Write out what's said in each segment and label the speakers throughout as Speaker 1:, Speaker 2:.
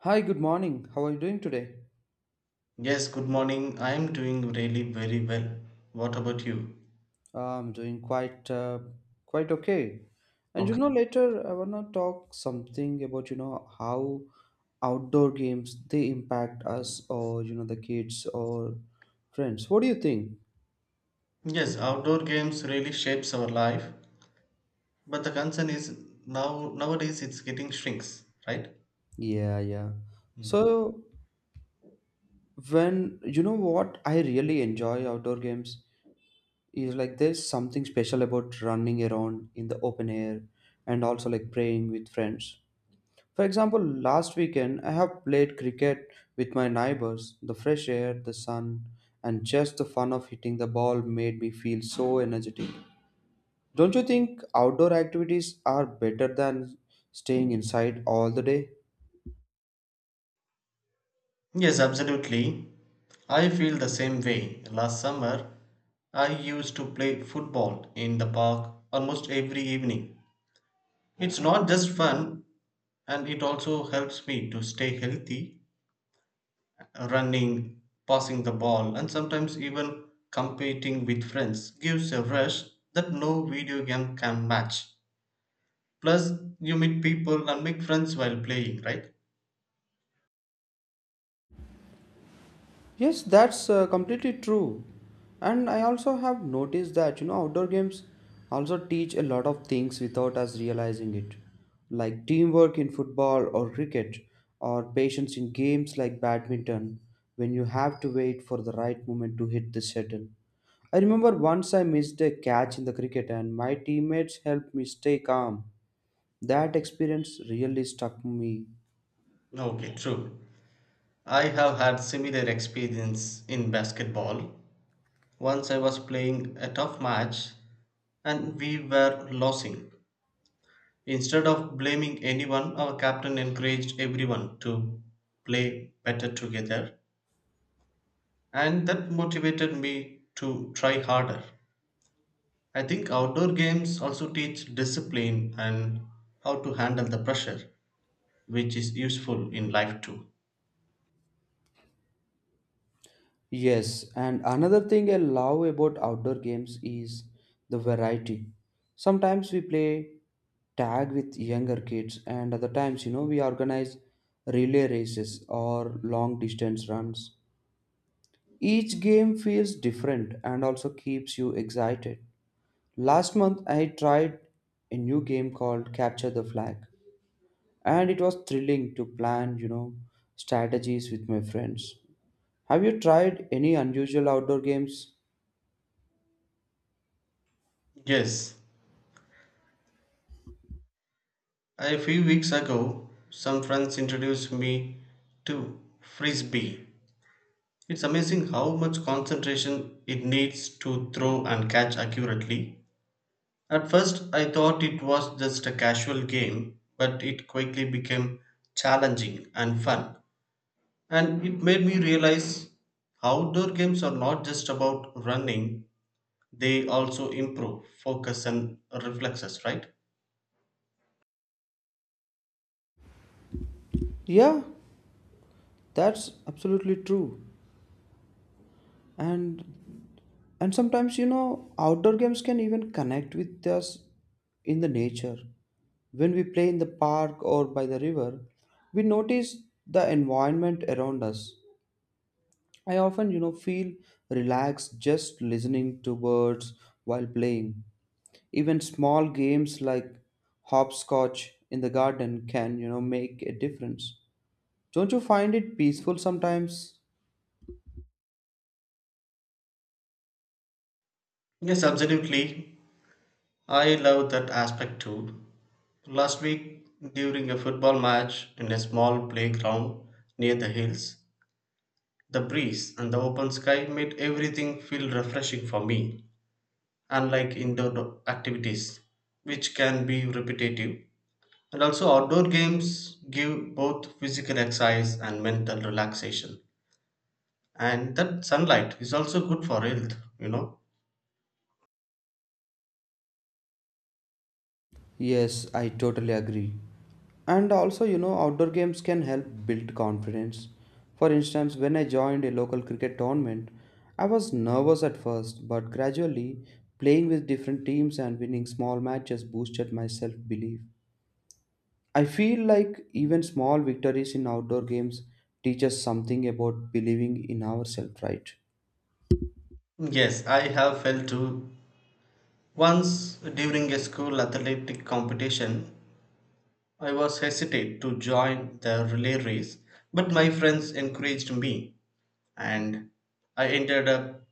Speaker 1: Hi, good morning. How are you doing today?
Speaker 2: Yes, good morning. I'm doing really very well. What about you?
Speaker 1: I'm doing quite quite okay. And you
Speaker 2: Okay.
Speaker 1: know, later I wanna talk something about you know how outdoor games they impact us or you know the kids or friends. What do you think?
Speaker 2: Yes, outdoor games really shapes our life, but the concern is now nowadays it's getting shrinks, right?
Speaker 1: Yeah, yeah.
Speaker 2: Mm.
Speaker 1: So when you know what I really enjoy outdoor games is like there's something special about running around in the open air and also like playing with friends. For example, last weekend I have played cricket with my neighbors. The fresh air, the sun, and just the fun of hitting the ball made me feel so energetic. Don't you think outdoor activities are better than staying inside all the day?
Speaker 2: Yes, absolutely. I feel the same way. Last summer, I used to play football in the park almost every evening. It's not just fun, and it also helps me to stay healthy running, passing the ball, and sometimes even competing with friends gives a rush that no video game can match. Plus, you meet people and make friends while playing, right?
Speaker 1: Yes, that's completely true. And I also have noticed that, you know, outdoor games also teach a lot of things without us realizing it, like teamwork in football or cricket, or patience in games like badminton, when you have to wait for the right moment to hit the shuttle. I remember once I missed a catch in the cricket and my teammates helped me stay calm. That experience really struck me.
Speaker 2: Okay, true. I have had similar experience in basketball. Once I was playing a tough match and we were losing. Instead of blaming anyone, our captain encouraged everyone to play better together and that motivated me to try harder. I think outdoor games also teach discipline and how to handle the pressure, which is useful in life too.
Speaker 1: Yes, and another thing I love about outdoor games is the variety. Sometimes we play tag with younger kids, and other times, you know, we organize relay races or long distance runs. Each game feels different and also keeps you excited. Last month, I tried a new game called Capture the Flag, and it was thrilling to plan, you know, strategies with my friends. Have you tried any unusual outdoor games?
Speaker 2: Yes, a few weeks ago, some friends introduced me to frisbee. It's amazing how much concentration it needs to throw and catch accurately. At first, I thought it was just a casual game, but it quickly became challenging and fun. And it made me realize outdoor games are not just about running, they also improve focus and reflexes, right?
Speaker 1: Yeah, that's absolutely true. And and sometimes you know outdoor games can even connect with us in the nature. When we play in the park or by the river, we notice the environment around us. I often, you know, feel relaxed just listening to birds while playing. Even small games like hopscotch in the garden can, you know, make a difference. Don't you find it peaceful sometimes?
Speaker 2: Yes, absolutely. I love that aspect too. Last week, during a football match in a small playground near the hills, the breeze and the open sky made everything feel refreshing for me, unlike indoor activities, which can be repetitive. And also, outdoor games give both physical exercise and mental relaxation. And that sunlight is also good for health.
Speaker 1: Yes, I totally agree. And also, you know, outdoor games can help build confidence. For instance, when I joined a local cricket tournament, I was nervous at first, but gradually, playing with different teams and winning small matches boosted my self belief. I feel like even small victories in outdoor games teach us something about believing in ourselves, right?
Speaker 2: Yes, I have felt too. Once during a school athletic competition, I was hesitant to join the relay race, but my friends encouraged me, and I ended up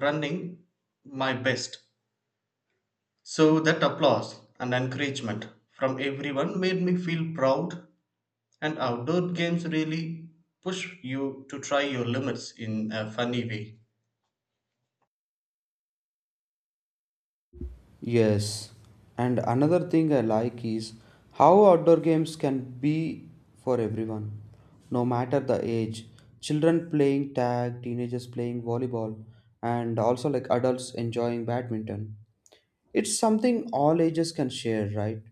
Speaker 2: running my best. So that applause and encouragement from everyone made me feel proud. And outdoor games really push you to try your limits in a funny way.
Speaker 1: Yes, and another thing I like is how outdoor games can be for everyone, no matter the age. Children playing tag, teenagers playing volleyball, and also like adults enjoying badminton. It's something all ages can share, right?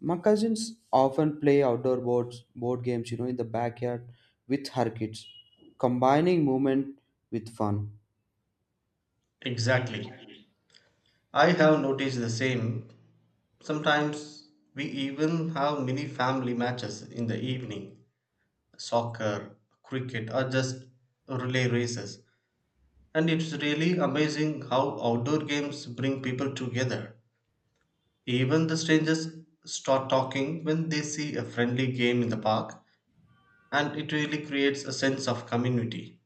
Speaker 1: My cousins often play outdoor board games, you know, in the backyard with her kids, combining movement with fun.
Speaker 2: Exactly. I have noticed the same. Sometimes we even have mini family matches in the evening soccer, cricket, or just relay races. And it's really amazing how outdoor games bring people together. Even the strangers start talking when they see a friendly game in the park, and it really creates a sense of community.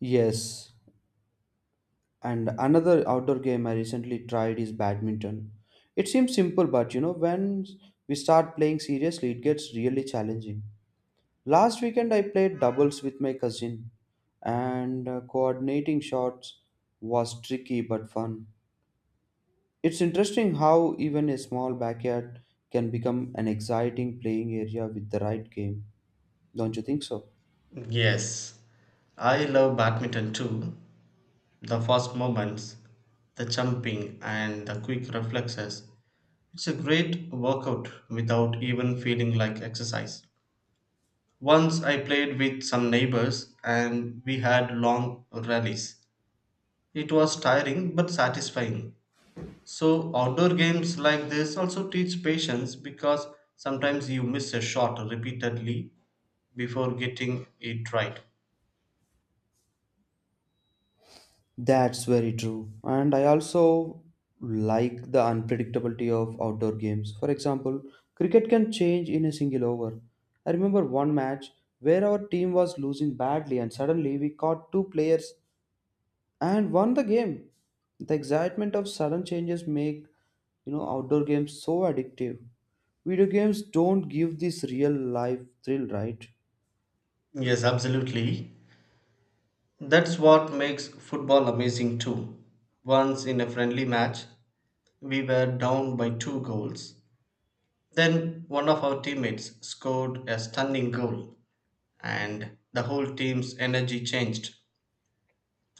Speaker 1: Yes, and another outdoor game I recently tried is badminton. It seems simple, but you know, when we start playing seriously, it gets really challenging. Last weekend, I played doubles with my cousin, and coordinating shots was tricky but fun. It's interesting how even a small backyard can become an exciting playing area with the right game. Don't you think so?
Speaker 2: Yes, I love badminton too. The fast movements, the jumping, and the quick reflexes. It's a great workout without even feeling like exercise. Once I played with some neighbors and we had long rallies. It was tiring but satisfying. So, outdoor games like this also teach patience because sometimes you miss a shot repeatedly before getting it right.
Speaker 1: That's very true. And I also like the unpredictability of outdoor games. For example, cricket can change in a single over. I remember one match where our team was losing badly and suddenly we caught two players and won the game. The excitement of sudden changes make, you know, outdoor games so addictive. Video games don't give this real life thrill, right?
Speaker 2: Yes, absolutely. That's what makes football amazing too. Once in a friendly match, we were down by two goals. Then one of our teammates scored a stunning goal, and the whole team's energy changed.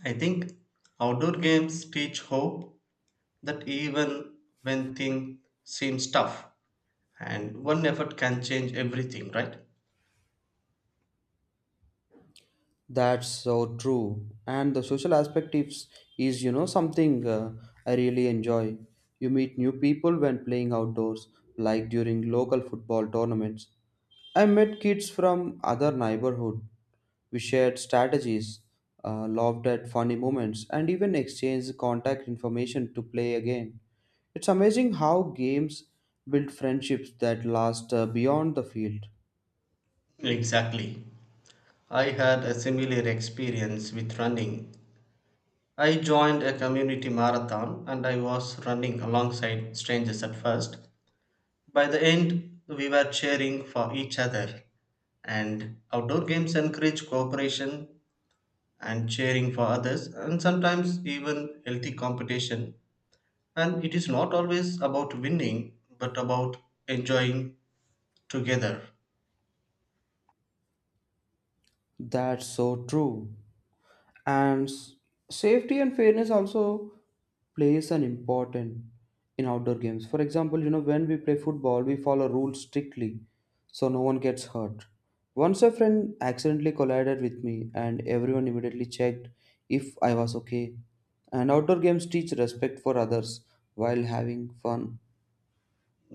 Speaker 2: I think outdoor games teach hope that even when things seem tough, and one effort can change everything, right?
Speaker 1: That's so true. And the social aspect is you know, something I really enjoy. You meet new people when playing outdoors, like during local football tournaments. I met kids from other neighborhood. We shared strategies, laughed at funny moments, and even exchanged contact information to play again. It's amazing how games build friendships that last beyond the field.
Speaker 2: Exactly. I had a similar experience with running. I joined a community marathon and I was running alongside strangers at first. By the end, we were cheering for each other. And outdoor games encourage cooperation and cheering for others, and sometimes even healthy competition. And it is not always about winning, but about enjoying together.
Speaker 1: That's so true. And safety and fairness also plays an important in outdoor games, for example, you know, when we play football we follow rules strictly, so no one gets hurt. Once a friend accidentally collided with me and everyone immediately checked if I was okay. And outdoor games teach respect for others while having fun.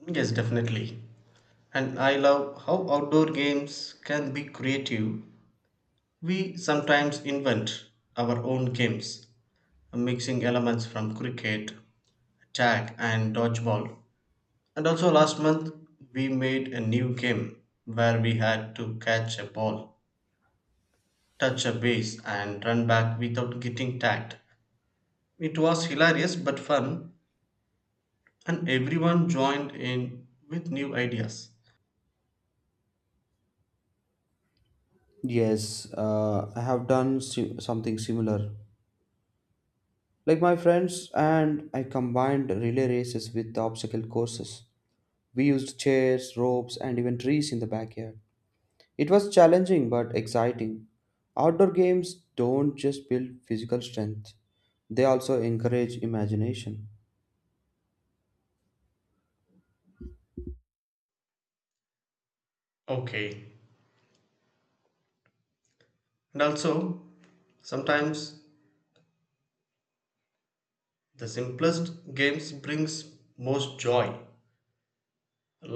Speaker 2: Yes, definitely. And I love how outdoor games can be creative. We sometimes invent our own games mixing elements from cricket, tag, and dodgeball. And also, last month we made a new game where we had to catch a ball, touch a base, and run back without getting tagged. It was hilarious but fun, and everyone joined in with new ideas.
Speaker 1: Yes, I have done something similar, like my friends and I combined relay races with the obstacle courses. We used chairs, ropes, and even trees in the backyard. It was challenging but exciting. Outdoor games don't just build physical strength, they also encourage imagination.
Speaker 2: Okay. And also, sometimes the simplest games brings most joy,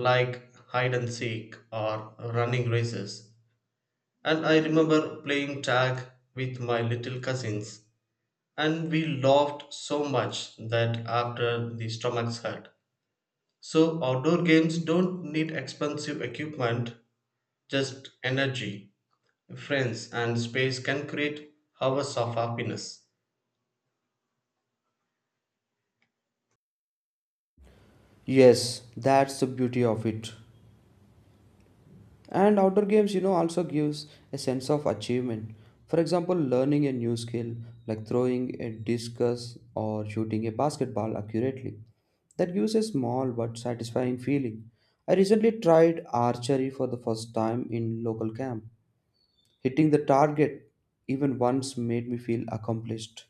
Speaker 2: like hide and seek or running races. And I remember playing tag with my little cousins, and we laughed so much that after the stomachs hurt. So, outdoor games don't need expensive equipment, just energy, friends, and space can create hours of happiness.
Speaker 1: Yes, that's the beauty of it. And outdoor games, you know, also gives a sense of achievement. For example, learning a new skill like throwing a discus or shooting a basketball accurately. That gives a small but satisfying feeling. I recently tried archery for the first time in local camp. Hitting the target even once made me feel accomplished.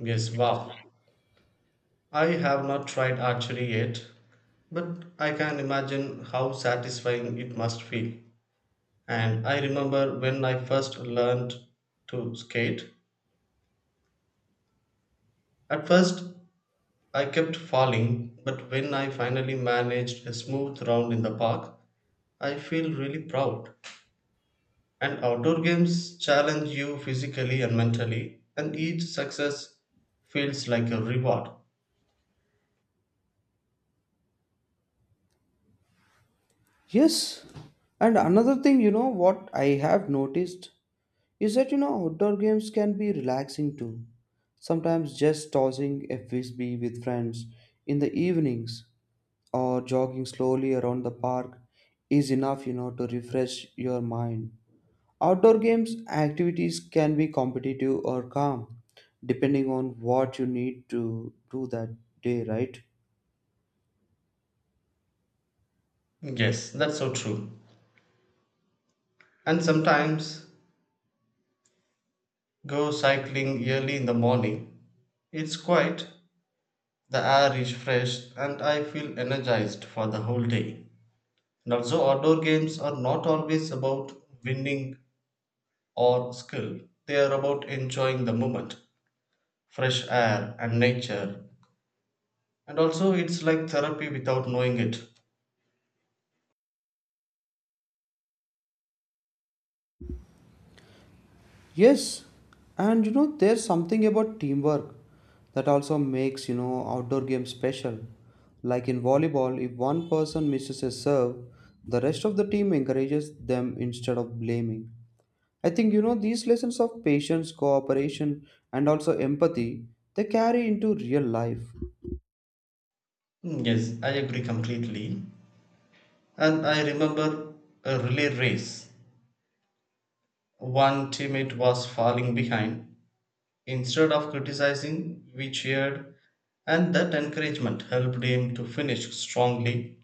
Speaker 2: Yes, wow. I have not tried archery yet, but I can imagine how satisfying it must feel. And I remember when I first learned to skate. At first, I kept falling, but when I finally managed a smooth round in the park, I feel really proud. And outdoor games challenge you physically and mentally, and each success feels like a reward.
Speaker 1: Yes, and another thing, you know, what I have noticed is that you know outdoor games can be relaxing too. Sometimes just tossing a frisbee with friends in the evenings or jogging slowly around the park is enough you know to refresh your mind. Outdoor games activities can be competitive or calm depending on what you need to do that day, right?
Speaker 2: Yes, that's so true. And sometimes go cycling early in the morning. It's quiet, the air is fresh, and I feel energized for the whole day. And also, outdoor games are not always about winning or skill. They are about enjoying the moment, fresh air, and nature. And also, it's like therapy without knowing it.
Speaker 1: Yes, and you know, there's something about teamwork that also makes, you know, outdoor games special. Like in volleyball, if one person misses a serve, the rest of the team encourages them instead of blaming. I think, you know, these lessons of patience, cooperation, and also empathy, they carry into real life.
Speaker 2: Mm, yes, I agree completely. And I remember a relay race. One teammate was falling behind. Instead of criticizing, we cheered, and that encouragement helped him to finish strongly.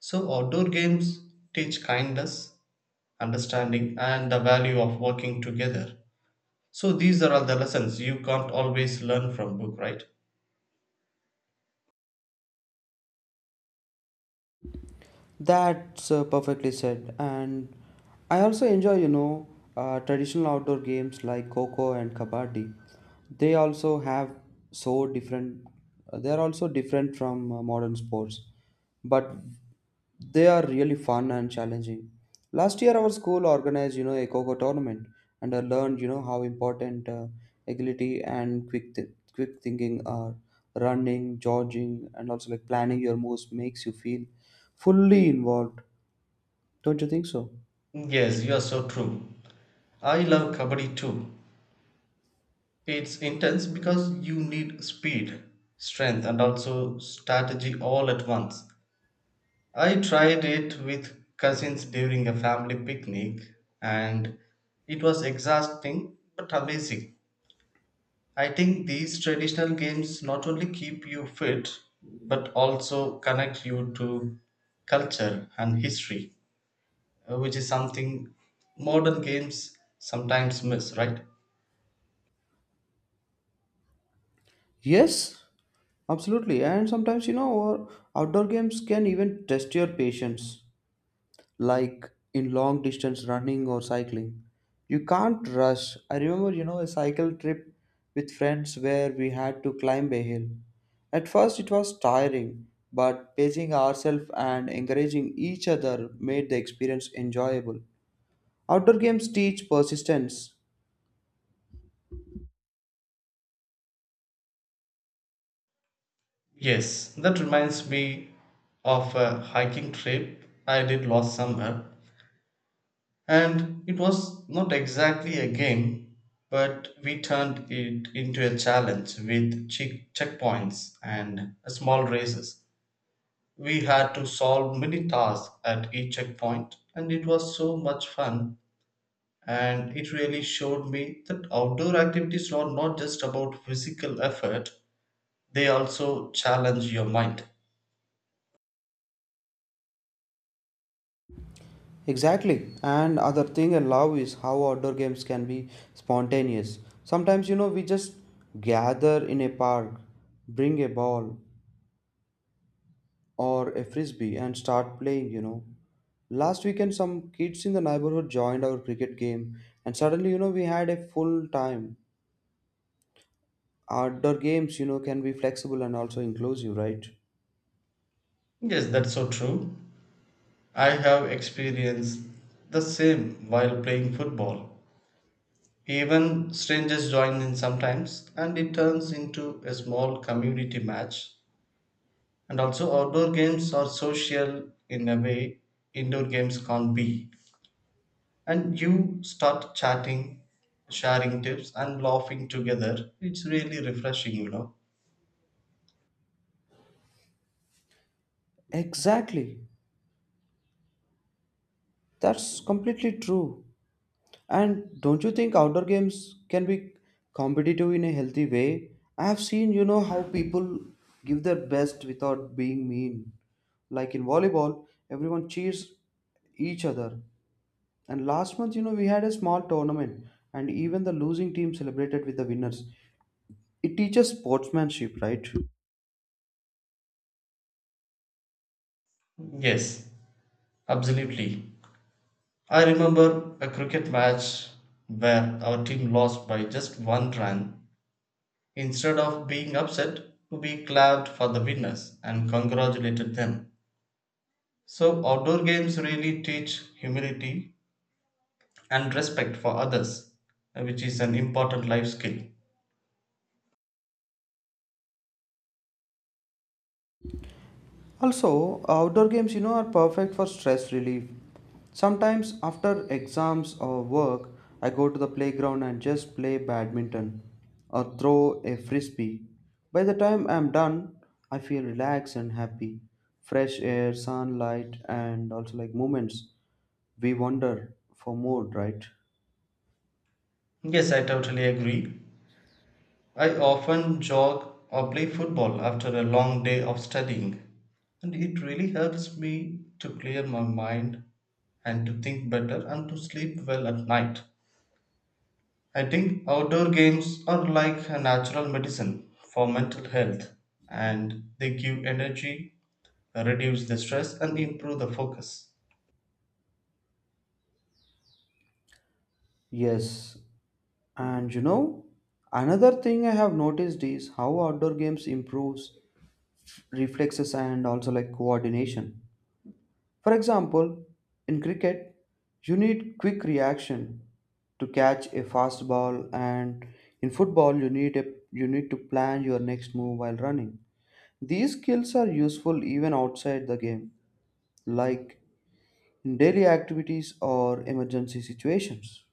Speaker 2: So, outdoor games teach kindness, understanding, and the value of working together. So these are all the lessons you can't always learn from book, right?
Speaker 1: That's perfectly said. And I also enjoy, you know, traditional outdoor games like Coco and Kabaddi. They also have so different, they are also different from modern sports, but they are really fun and challenging. Last year, our school organized, you know, a Coco tournament, and I learned, you know, how important agility and quick thinking are. Running, jogging, and also like planning your moves makes you feel fully involved, don't you think so?
Speaker 2: Yes, you are so true. I love kabaddi too. It's intense because you need speed, strength, and also strategy all at once. I tried it with cousins during a family picnic and it was exhausting but amazing. I think these traditional games not only keep you fit but also connect you to culture and history. Which is something modern games sometimes miss, right?
Speaker 1: Yes, absolutely. And sometimes you know or outdoor games can even test your patience, like in long distance running or cycling you can't rush. I remember, you know, a cycle trip with friends where we had to climb a hill. At first it was tiring, but pacing ourselves and encouraging each other made the experience enjoyable. Outdoor games teach persistence.
Speaker 2: Yes, that reminds me of a hiking trip I did last summer, and it was not exactly a game, but we turned it into a challenge with checkpoints and small races. We had to solve mini tasks at each checkpoint, and it was so much fun and it really showed me that outdoor activities are not just about physical effort, they also challenge your mind.
Speaker 1: Exactly. And other thing I love is how outdoor games can be spontaneous. Sometimes, you know, we just gather in a park, bring a ball or a frisbee and start playing, you know. Last weekend, some kids in the neighborhood joined our cricket game, and suddenly, you know, we had a full time. Outdoor games, you know, can be flexible and also inclusive, right?
Speaker 2: Yes, that's so true. I have experienced the same while playing football. Even strangers join in sometimes and it turns into a small community match. And also outdoor games are social in a way indoor games can't be. And you start chatting, sharing tips, and laughing together. It's really refreshing,
Speaker 1: Exactly. That's completely true. And don't you think outdoor games can be competitive in a healthy way? I have seen, you know, how people give their best without being mean. Like in volleyball, everyone cheers each other. And last month, you know, we had a small tournament, and even the losing team celebrated with the winners. It teaches sportsmanship, right?
Speaker 2: Yes, absolutely. I remember a cricket match where our team lost by just one run. Instead of being upset, we clapped for the winners and congratulated them. So, outdoor games really teach humility and respect for others, which is an important life skill.
Speaker 1: Also, outdoor games, you know, are perfect for stress relief. Sometimes after exams or work, I go to the playground and just play badminton or throw a frisbee. By the time I'm done, I feel relaxed and happy. Fresh air, sunlight, and also like moments we wander for more, right?
Speaker 2: Yes, I totally agree. I often jog or play football after a long day of studying, and it really helps me to clear my mind and to think better and to sleep well at night. I think outdoor games are like a natural medicine for mental health and they give energy, reduce the stress, and improve the focus.
Speaker 1: Yes, and you know, another thing I have noticed is how outdoor games improves reflexes and also like coordination. For example, in cricket, you need quick reaction to catch a fast ball, and in football you need a you need to plan your next move while running. These skills are useful even outside the game, like in daily activities or emergency situations.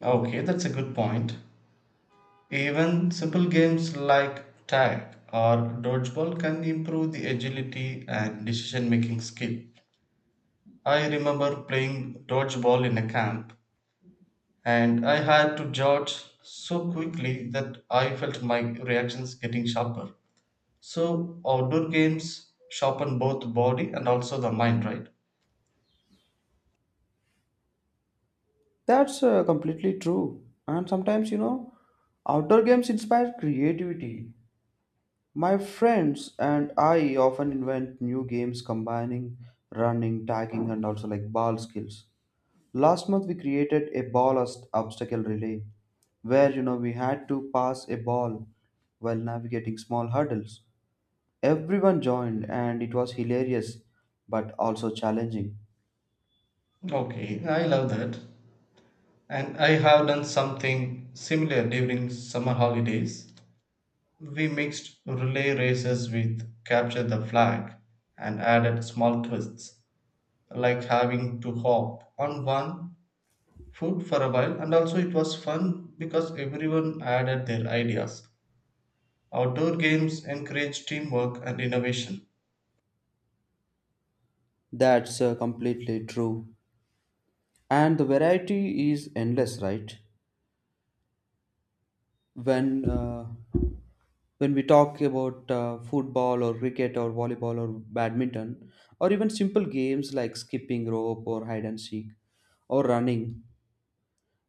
Speaker 2: Okay, that's a good point. Even simple games like tag or dodgeball can improve the agility and decision making skill. I remember playing dodgeball in a camp and I had to dodge so quickly that I felt my reactions getting sharper. So, outdoor games sharpen both body and also the mind, right?
Speaker 1: That's completely true. And sometimes, you know, outdoor games inspire creativity. My friends and I often invent new games combining running, tagging, and also like ball skills. Last month we created a obstacle relay where you know we had to pass a ball while navigating small hurdles. Everyone joined and it was hilarious but also challenging.
Speaker 2: Okay, I love that. And I have done something similar during summer holidays. We mixed relay races with capture the flag and added small twists, like having to hop on one foot for a while, and also it was fun because everyone added their ideas. Outdoor games encourage teamwork and innovation.
Speaker 1: That's completely true. And the variety is endless, right? When uh, when we talk about football or cricket or volleyball or badminton or even simple games like skipping rope or hide and seek or running,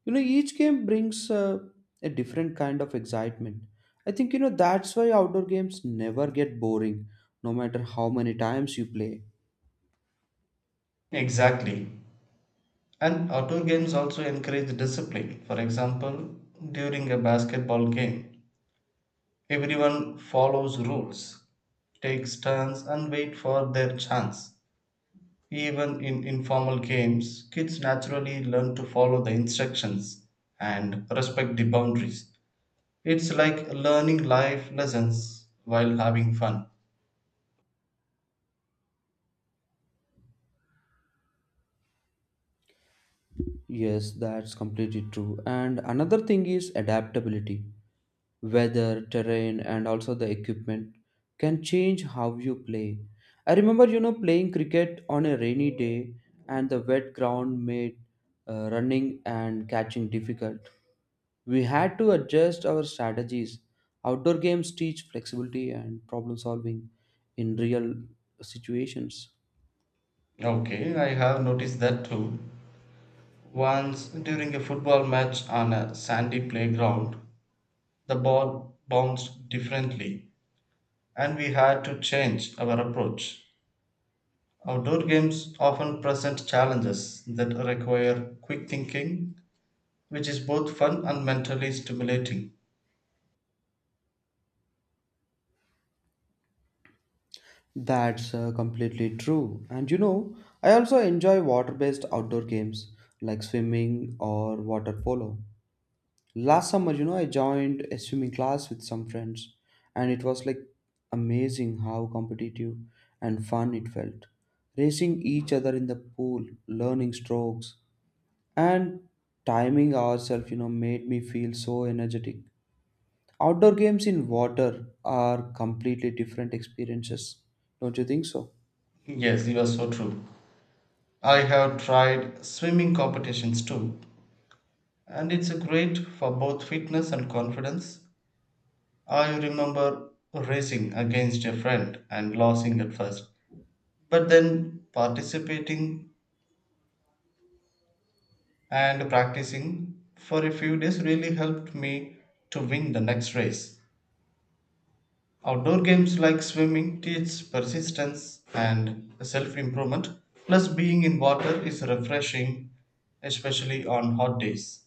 Speaker 1: you know each game brings a different kind of excitement. I think you know that's why outdoor games never get boring no matter how many times you play.
Speaker 2: Exactly. And outdoor games also encourage discipline. For example, during a basketball game, everyone follows rules, takes turns, and wait for their chance. Even in informal games, kids naturally learn to follow the instructions and respect the boundaries. It's like learning life lessons while having fun.
Speaker 1: Yes, that's completely true. And another thing is adaptability. Weather, terrain, and also the equipment can change how you play. I remember, you know, playing cricket on a rainy day, and the wet ground made running and catching difficult. We had to adjust our strategies. Outdoor games teach flexibility and problem solving in real situations.
Speaker 2: Okay, I have noticed that too. Once during a football match on a sandy playground, the ball bounced differently and we had to change our approach. Outdoor games often present challenges that require quick thinking, which is both fun and mentally stimulating.
Speaker 1: That's completely true. And you know, I also enjoy water based outdoor games like swimming or water polo. Last summer, you know, I joined a swimming class with some friends, and it was like amazing how competitive and fun it felt. Racing each other in the pool, learning strokes, and timing ourselves, you know, made me feel so energetic. Outdoor games in water are completely different experiences, don't you think so?
Speaker 2: Yes, you are so true. I have tried swimming competitions too, and it's a great for both fitness and confidence. I remember racing against a friend and losing at first, but then participating and practicing for a few days really helped me to win the next race. Outdoor games like swimming teach persistence and self improvement, plus, being in water is refreshing, especially on hot days.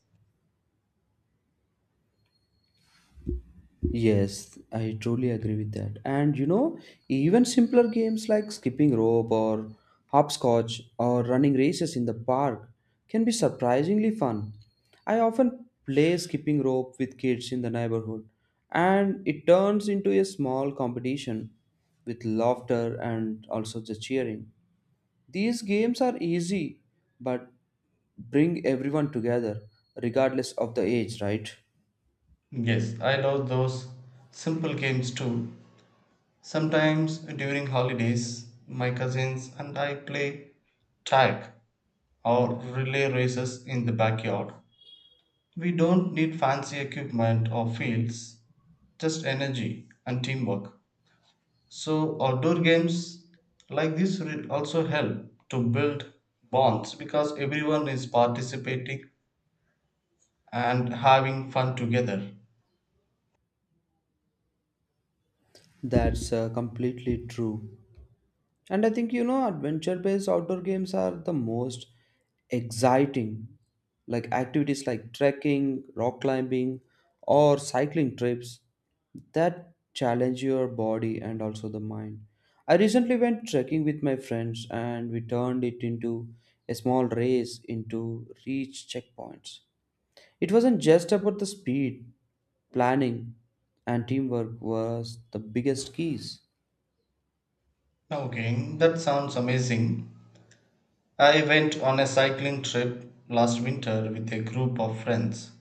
Speaker 1: Yes, I truly agree with that. And you know, even simpler games like skipping rope or hopscotch or running races in the park can be surprisingly fun. I often play skipping rope with kids in the neighborhood, and it turns into a small competition with laughter and also the cheering. These games are easy but bring everyone together regardless of the age, right?
Speaker 2: Yes, I love those simple games too. Sometimes during holidays, my cousins and I play tag or relay races in the backyard. We don't need fancy equipment or fields, just energy and teamwork. So, outdoor games like this also help to build bonds because everyone is participating and having fun together.
Speaker 1: That's completely true. And I think, you know, adventure based outdoor games are the most exciting, like activities like trekking, rock climbing, or cycling trips that challenge your body and also the mind. I recently went trekking with my friends and we turned it into a small race into reach checkpoints. It wasn't just about the speed, planning, and teamwork was the biggest keys.
Speaker 2: Okay, that sounds amazing. I went on a cycling trip last winter with a group of friends.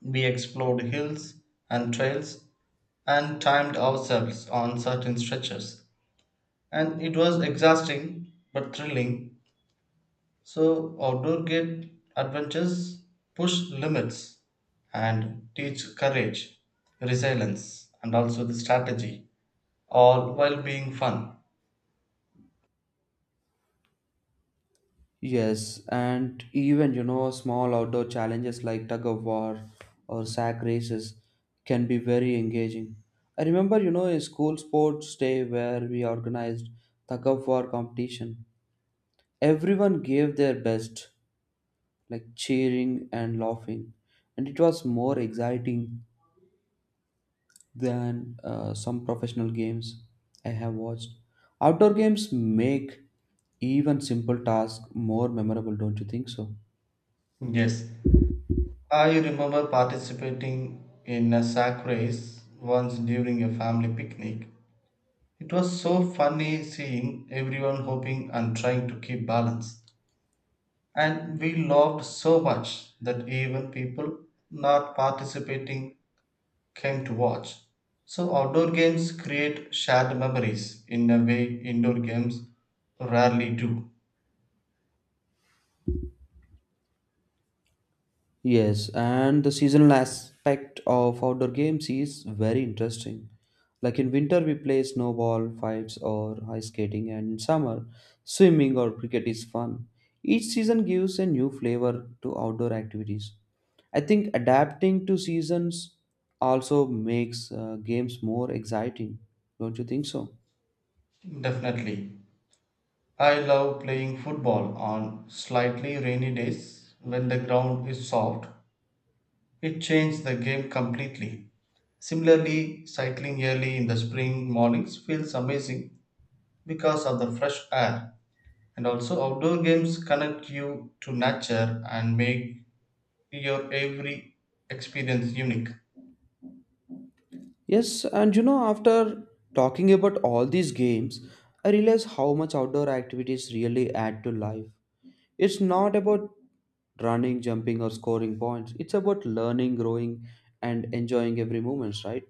Speaker 2: We explored hills and trails and timed ourselves on certain stretches. And it was exhausting but thrilling. So, outdoor gate adventures push limits and teach courage, resilience, and also the strategy, all while being fun.
Speaker 1: Yes, and even you know, small outdoor challenges like tug of war or sack races can be very engaging. I remember, you know, a school sports day where we organized tug of war competition. Everyone gave their best, like cheering and laughing, and it was more exciting than some professional games I have watched. Outdoor games make even simple tasks more memorable, don't you think so?
Speaker 2: Yes, I remember participating in a sack race once during a family picnic. It was so funny seeing everyone hoping and trying to keep balance. And we laughed so much that even people not participating came to watch. So, outdoor games create shared memories in a way indoor games rarely do.
Speaker 1: Yes, and the seasonal aspect of outdoor games is very interesting. Like in winter, we play snowball fights or ice skating, and in summer, swimming or cricket is fun. Each season gives a new flavor to outdoor activities. I think adapting to seasons also makes games more exciting. Don't you think so?
Speaker 2: Definitely. I love playing football on slightly rainy days when the ground is soft. It changes the game completely. Similarly, cycling early in the spring mornings feels amazing because of the fresh air. And also, outdoor games connect you to nature and make your every experience unique.
Speaker 1: Yes, and you know, after talking about all these games, I realize how much outdoor activities really add to life. It's not about running, jumping, or scoring points. It's about learning, growing, and enjoying every moment, right?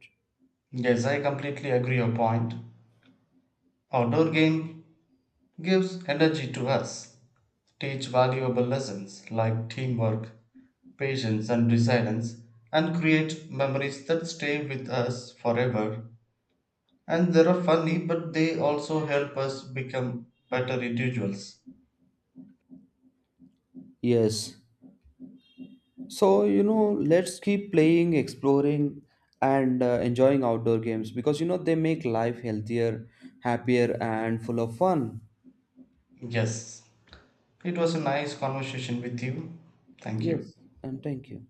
Speaker 2: Yes, I completely agree your point. Outdoor game gives energy to us, teach valuable lessons like teamwork, patience, and resilience, and create memories that stay with us forever. And they are funny, but they also help us become better individuals.
Speaker 1: Yes. So, you know, let's keep playing, exploring, and enjoying outdoor games because, you know, they make life healthier, happier, and full of fun.
Speaker 2: Yes, it was a nice conversation with you. Thank you.
Speaker 1: Yes. And thank you.